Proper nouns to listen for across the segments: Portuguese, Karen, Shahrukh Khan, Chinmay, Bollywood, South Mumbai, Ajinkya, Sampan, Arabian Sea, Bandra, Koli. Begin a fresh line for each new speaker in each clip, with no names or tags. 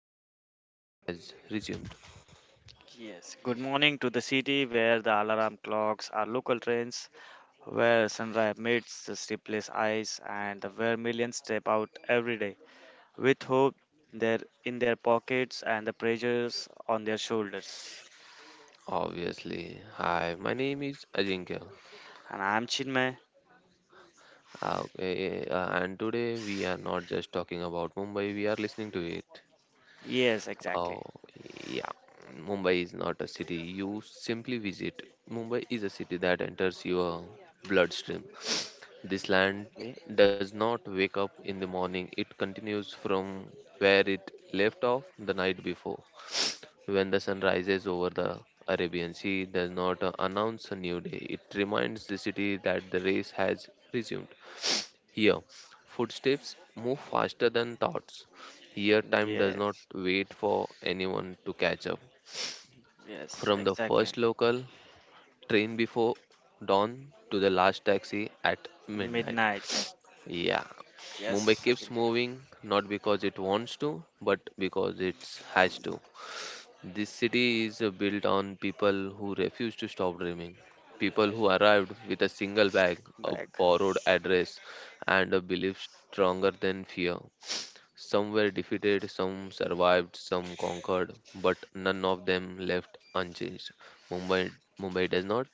It means the race has resumed.
Yes, good morning to the city where the alarm clocks are local trains, where sunrise meets the sleepless eyes, and where millions step out every day with hope there in their pockets and the pressures on their shoulders.
Obviously. Hi, my name is Ajinkya.
And I'm Chinmay.
Okay, and today we are not just talking about Mumbai, we are listening to it.
Yes, exactly.
Oh, yeah. Mumbai is not a city you simply visit. Mumbai is a city that enters your bloodstream. This land
Ye-
does not wake up in the morning, it continues from where it left off the night before. When the sun rises over the Arabian Sea, does not announce a new day. It reminds the city that the race has resumed. Here, footsteps move faster than thoughts. Here, time does not
Yes,
wait for anyone to catch up.
yes,
From the
exactly.
first local train before dawn to the last taxi at midnight.
Midnight.
Yeah, Mumbai
Yes,
keeps
Ajinkya.
moving not because it wants to, but because it has to. This city is built on people who refuse to stop dreaming. People who arrived with a single bag, a
Back.
borrowed address, and a belief stronger than fear. Some were defeated, some survived, some conquered, but none of them left unchanged. Mumbai, Mumbai does not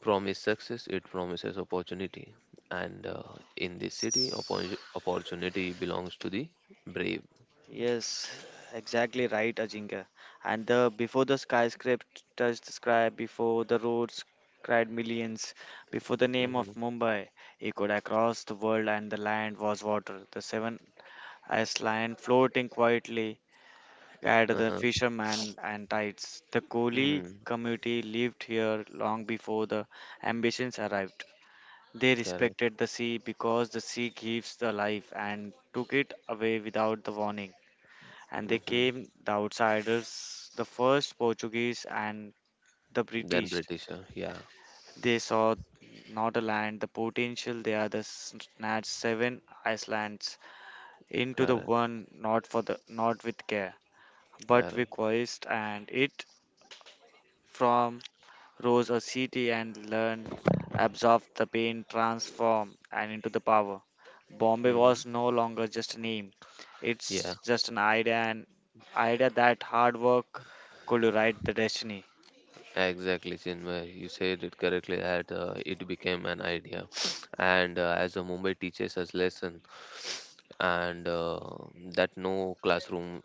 promise success, it promises opportunity. And In this city, opportunity belongs to the brave.
Yes, exactly right, Ajinkya. And the before the skyscraper touched the sky, before the roads cried millions, before the name
hmm
of Mumbai echoed across the world, and the land was water. The seven Iceland floating quietly at the
Uh-huh.
fishermen and tides. The Koli
hmm
community lived here long before the ambitions arrived. They
Correct.
respected the sea because the sea gives the life and took it away without the warning, and they
hmm
came the outsiders, the first Portuguese and the
Then
British.
British, yeah,
They saw not a land, the potential. They are the snatched seven islands into the
correct,
one, not for the not with care, but
correct.
with quest, and it from rose a city and learn, absorb the pain, transform, and into the power. Bombay
hmm
was no longer just a name.
Yeah,
It's just an idea that hard work could write the destiny.
exactly, Chinmay. You said it correctly that it became an idea. And as a Mumbai teaches us lesson, and that no classroom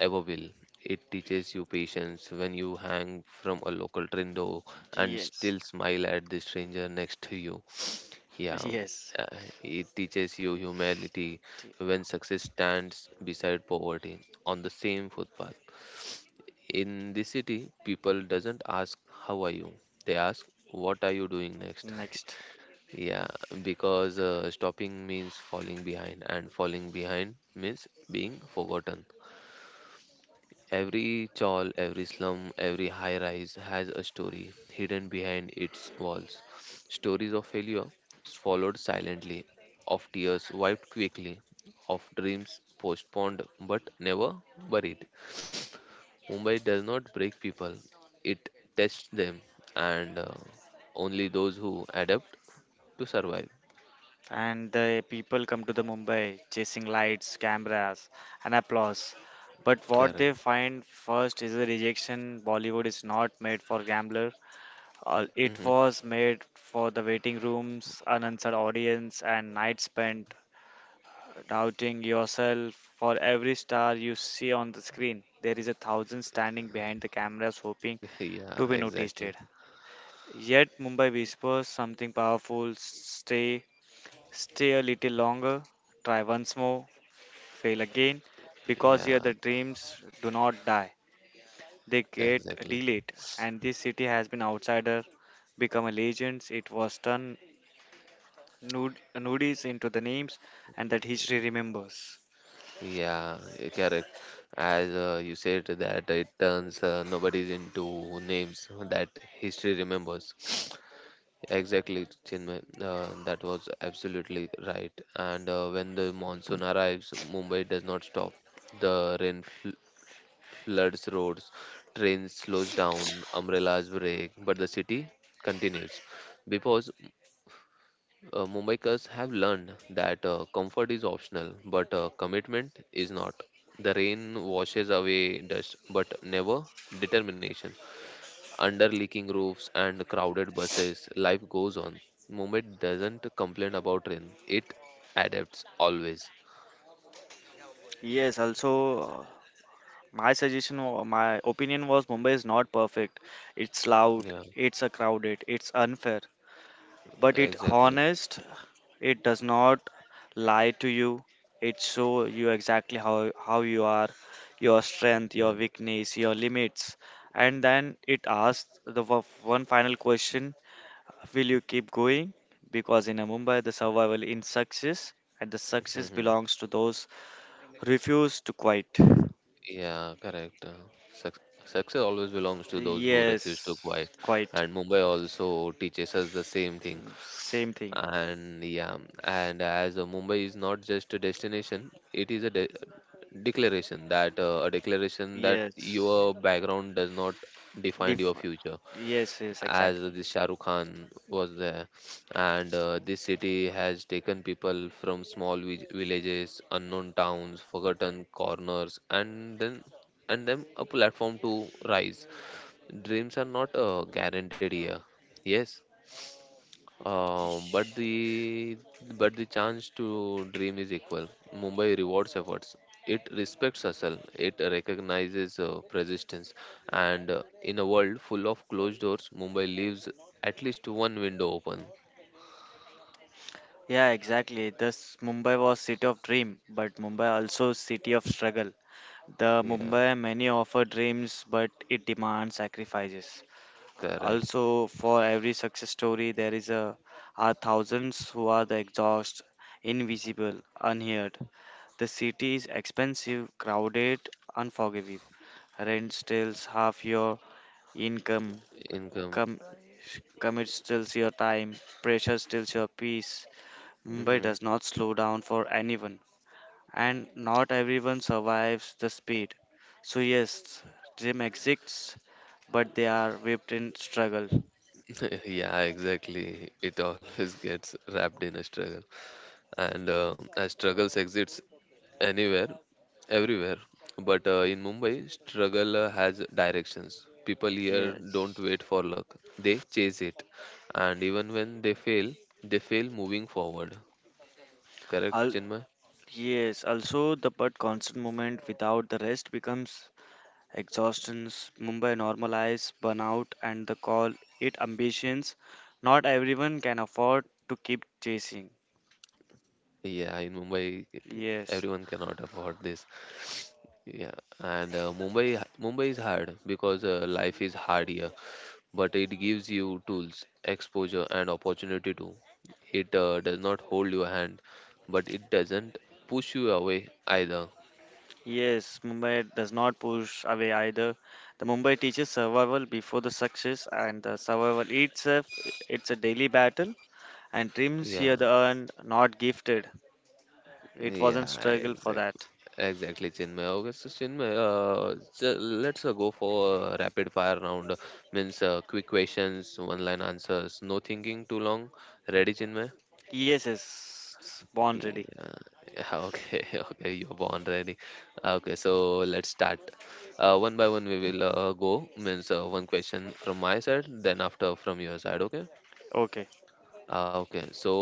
ever will. It teaches you patience when you hang from a local window and
Yes.
still smile at the stranger next to you. Yeah,
Yes.
uh, it teaches you humanity
T-
when success stands beside poverty on the same footpath. In the city, people doesn't ask how are you. They ask what are you doing next.
Next.
Yeah, because stopping means falling behind, and falling behind means being forgotten. Every chawl, every slum, every high rise has a story hidden behind its walls. Stories of failure swallowed silently, of tears wiped quickly, of dreams postponed but never buried. Mumbai does not break people, it tests them, and only those who adapt to survive.
And the people come to the Mumbai chasing lights, cameras, and applause. But what
Karen.
they find first is the rejection. Bollywood is not made for gambler.
hmm
It was made for the waiting rooms, unanswered audience, and nights spent doubting yourself. For every star you see on the screen, there is a thousand standing behind the cameras hoping
Yeah,
to be noticed.
exactly.
Yet Mumbai whispers something powerful stay, stay a little longer, try once more, fail again, because here
Yeah,
the dreams do not die, they get
exactly.
delayed. And this city has been outsider become a legend. It was turned nudies into the names and that history remembers.
Yeah, eh, correct. As you said that it turns nobody's into names that history remembers. Exactly, Chinmay. That was absolutely right. And when the monsoon arrives, Mumbai does not stop. The floods roads, trains slows down, umbrellas break, but the city continues because Mumbaikars have learned that comfort is optional, but commitment is not. The rain washes away dust, but never determination. Under leaking roofs and crowded buses, life goes on. Mumbai doesn't complain about rain; it adapts always.
Yes, also my suggestion or my opinion was Mumbai is not perfect. It's loud,
Yeah,
it's a crowded, it's unfair, but it
exactly.
honest, it does not lie to you. It show you exactly how you are, your strength, your
Yeah.
weakness, your limits. And then it asks one final question. Will you keep going? Because in a Mumbai, the survival in success and the success
hmm
belongs to those who refuse to quit.
Yeah, correct. Success always belongs to those who refuse to
Yes,
quiet,
quite.
and Mumbai also teaches us the same thing.
Mm, same thing.
And yeah, and as Mumbai is not just a destination, it is a declaration that a declaration that your
Yes.
background does not define your
Def-
future,
yes,
as
exactly.
the Shahrukh Khan was there. And this city has taken people from small villages, unknown towns, forgotten corners, and then and them a platform to rise. Dreams are not guaranteed here, yes, but
Sh-
the chance to dream is equal. Mumbai rewards efforts. It respects hustle. It recognizes persistence. And in a world full of closed doors, Mumbai leaves at least one window open.
Yeah, exactly. Thus, Mumbai was city of dream, but Mumbai also city of struggle. The
Yeah,
Mumbai many offer dreams, but it demands sacrifices.
correct.
Also, for every success story, there is a are thousands who are the exhaust, invisible, unheard. The city is expensive, crowded, unforgiving. Rent steals half your income.
Income.
Com- Commit steals your time. Pressure steals your peace. Mumbai
hmm
does not slow down for anyone, and not everyone survives the speed. So yes, dream exists, but they are whipped in struggle.
Yeah, exactly. It always gets wrapped in a struggle. And as struggles exists anywhere, everywhere. But in Mumbai, struggle has directions. People here don't
Yes.
wait for luck; they chase it, and even when they fail moving forward. Correct, Chinmay?
Yes, also the but constant movement without the rest becomes exhaustions. Mumbai normalize burnout and the call it ambitions. Not everyone can afford to keep chasing.
Yeah, in Mumbai,
Yes.
everyone cannot afford this. Yeah, and Mumbai is hard because life is hard here. But it gives you tools, exposure, and opportunity to. It does not hold your hand, but it doesn't push you away either.
Yes, Mumbai does not push away either. The Mumbai teaches survival before the success and the survival itself it's a daily battle and dreams
Yeah,
here the earned not gifted. It wasn't
yeah,
struggle for
exactly.
that.
Exactly, Chinmay. Okay, so Chinmay, let's go for a rapid fire round. Means quick questions, one line answers, no thinking too long. Ready, Chinmay?
Yes, yes. Born
Yeah,
ready.
yeah, okay, okay, you're born ready. Okay, so let's start. One by one, we will go. Means one question from my side, then after from your side. Okay.
Okay.
Okay. So,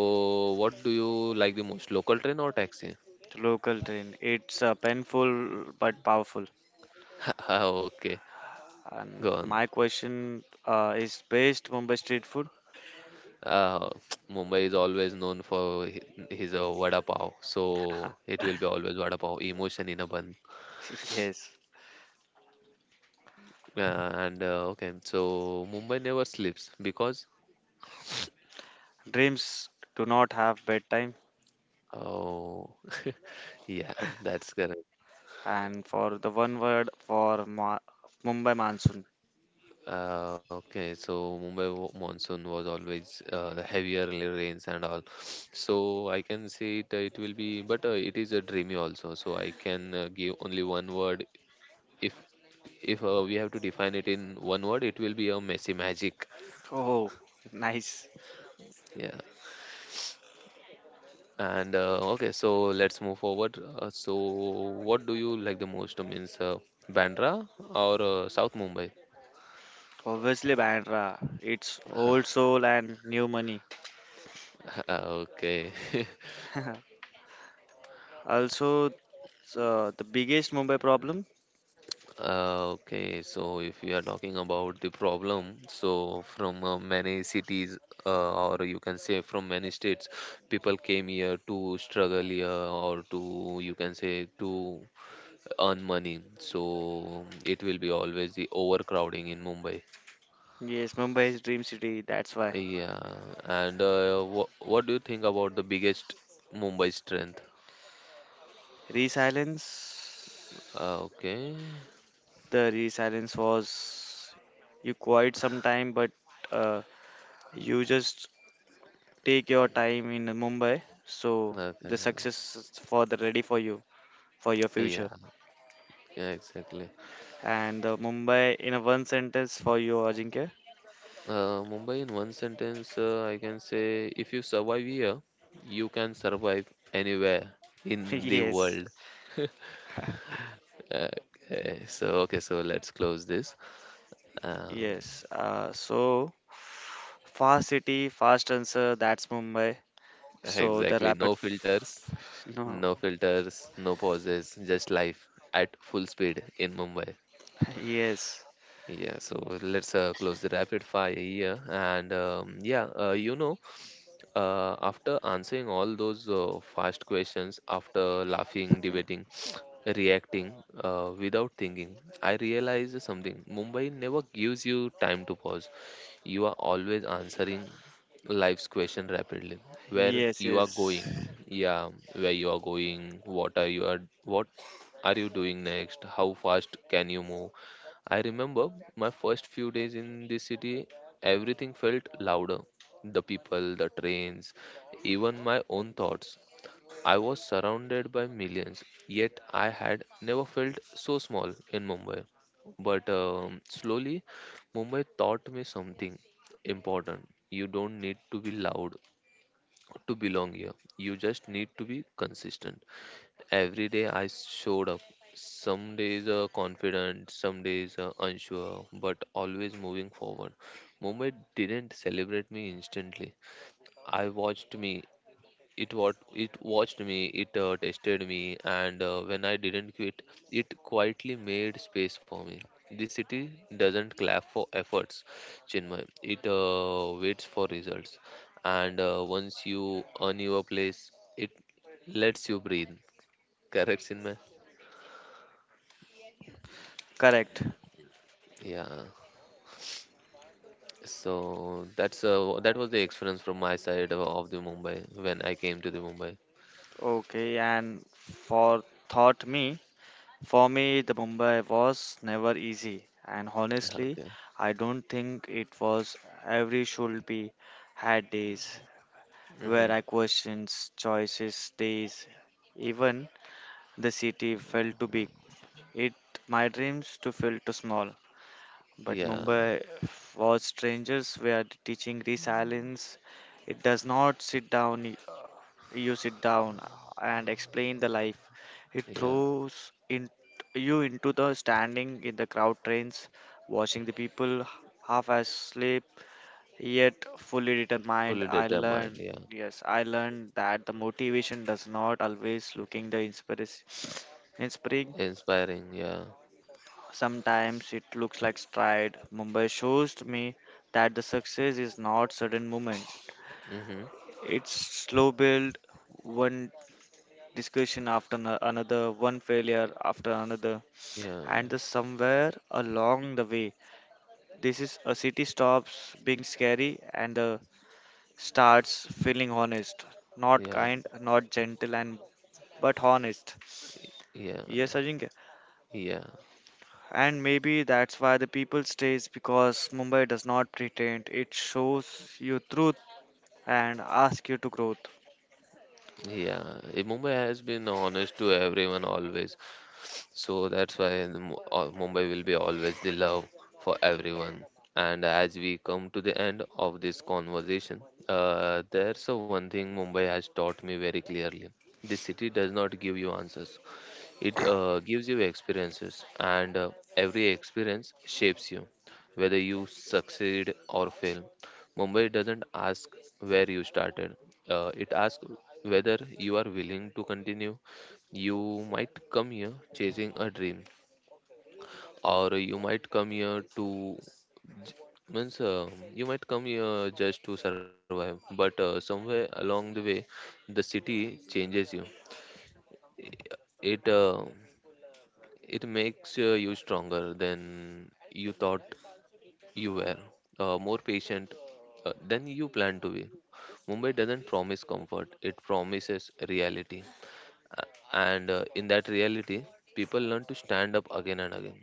what do you like the most, local train or taxi?
The local train. It's painful but powerful.
Okay,
And
go on.
my question is best Mumbai street food?
Uh, Mumbai is always known for his vada pav, so it will be always vada pav, emotion in a bun.
Yes.
And Okay, so Mumbai never sleeps because.
Dreams do not have bedtime.
Oh, yeah, that's correct.
And for the one word for Mumbai monsoon.
Okay, so Mumbai monsoon was always the heavier rains and all. So I can say it, it will be, but it is a dreamy also. So I can give only one word. If if we have to define it in one word, it will be a messy magic.
Oh, nice.
Yeah. And okay, so let's move forward. So what do you like the most? Means Bandra or South Mumbai?
Obviously, Bandra. It's old soul and new money.
Okay.
Also, so the biggest Mumbai problem?
Okay, so if we are talking about the problem, so from many cities, or you can say from many states, people came here to struggle here or to, you can say, to earn money. So it will be always the overcrowding in Mumbai.
Yes, Mumbai is dream city. That's why
Yeah, and wh what do you think about the biggest Mumbai strength?
resilience.
Uh, Okay,
The resilience was you quite some time, but uh, you just take your time in Mumbai. So
okay,
the success is for the ready for you for your
yeah,
future.
yeah, exactly.
And the Mumbai in a one sentence for you, Ajinkya.
Mumbai, in one sentence, I can say if you survive here, you can survive anywhere in the
Yes,
world. Okay, so let's close this. Um,
yes. So fast city, fast answer. That's Mumbai. So the
exactly,
rapid.
no filters,
No.
no filters, no pauses, just life at full speed in Mumbai.
Yes.
Yeah, so let's close the rapid fire here. And yeah, after answering all those fast questions, after laughing, debating, reacting without thinking, I realized something. Mumbai never gives you time to pause. You are always answering life's question rapidly. Where
Yes.
you are going,
Yes.
yeah, where you are going, what are you are, what are you doing next? How fast can you move? I remember my first few days in this city, everything felt louder, the people, the trains, even my own thoughts. I was surrounded by millions, yet I had never felt so small in Mumbai. But slowly, Mumbai taught me something important. You don't need to be loud to belong here, you just need to be consistent. Every day I showed up. Some days confident, some days unsure, but always moving forward. Mumbai didn't celebrate me instantly. I watched me. It watched me. It tested me, and when I didn't quit, it quietly made space for me. This city doesn't clap for efforts, Chinmay. It waits for results, and once you earn your place, it lets you breathe. Correct, Chinmay?
Correct.
Yeah. So that's that was the experience from my side of the Mumbai when I came to the Mumbai.
Okay, and for thought me, for me, the Mumbai was never easy, and honestly,
Okay.
I don't think it was every should be had days
hmm
where I questions choices, days, even the city felt too big. It my dreams to feel too small. But
Yeah.
Mumbai was strangers were teaching resilience. It does not sit down, you sit down and explain the life. It
Yeah.
throws in, you into the standing in the crowd trains, watching the people half asleep yet fully determined.
Fully
I
determined,
learned,
yeah.
yes, I learned that the motivation does not always looking the inspiration. Inspiring.
Inspiring, yeah.
Sometimes it looks like stride. Mumbai shows me that the success is not sudden movement.
Mm-hmm.
It's slow build, one discussion after another, one failure after another,
Yeah,
and the somewhere along the way, this is a city stops being scary and the starts feeling honest, not
yeah,
kind, not gentle, and but honest.
yeah,
Yes, Ajinkya.
yeah,
And maybe that's why the people stays because Mumbai does not pretend. It shows you truth and asks you to growth.
yeah. Eh, Mumbai has been honest to everyone always, so that's why the Mumbai will be always the love for everyone. And as we come to the end of this conversation, there's a one thing Mumbai has taught me very clearly. This city does not give you answers. It gives you experiences, and every experience shapes you, whether you succeed or fail. Mumbai doesn't ask where you started, it asks whether you are willing to continue. You might come here chasing a dream, or you might come here to j- means you might come here just to survive, but somewhere along the way the city changes you. It uh, It makes you stronger than you thought you were, more patient than you plan to be. Mumbai doesn't promise comfort, it promises reality. A- And in that reality, people learn to stand up again and again.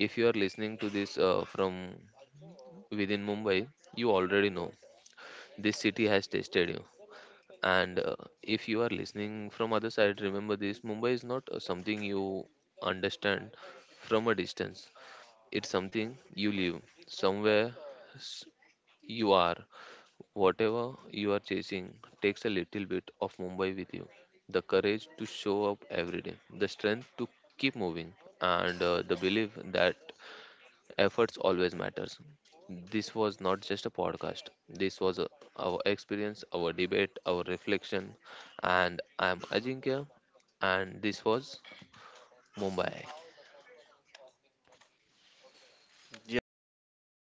If you are listening to this from within Mumbai, you already know this city has tested you. And if you are listening from other side, remember this Mumbai is not something you understand from a distance. It's something you live, somewhere s- you are. Whatever you are chasing takes a little bit of Mumbai with you. The courage to show up every day, the strength to keep moving, and the belief that efforts always matters. This was not just a podcast. This was our experience, our debate, our reflection, and I am Ajinkya, and this was Mumbai.
Yes.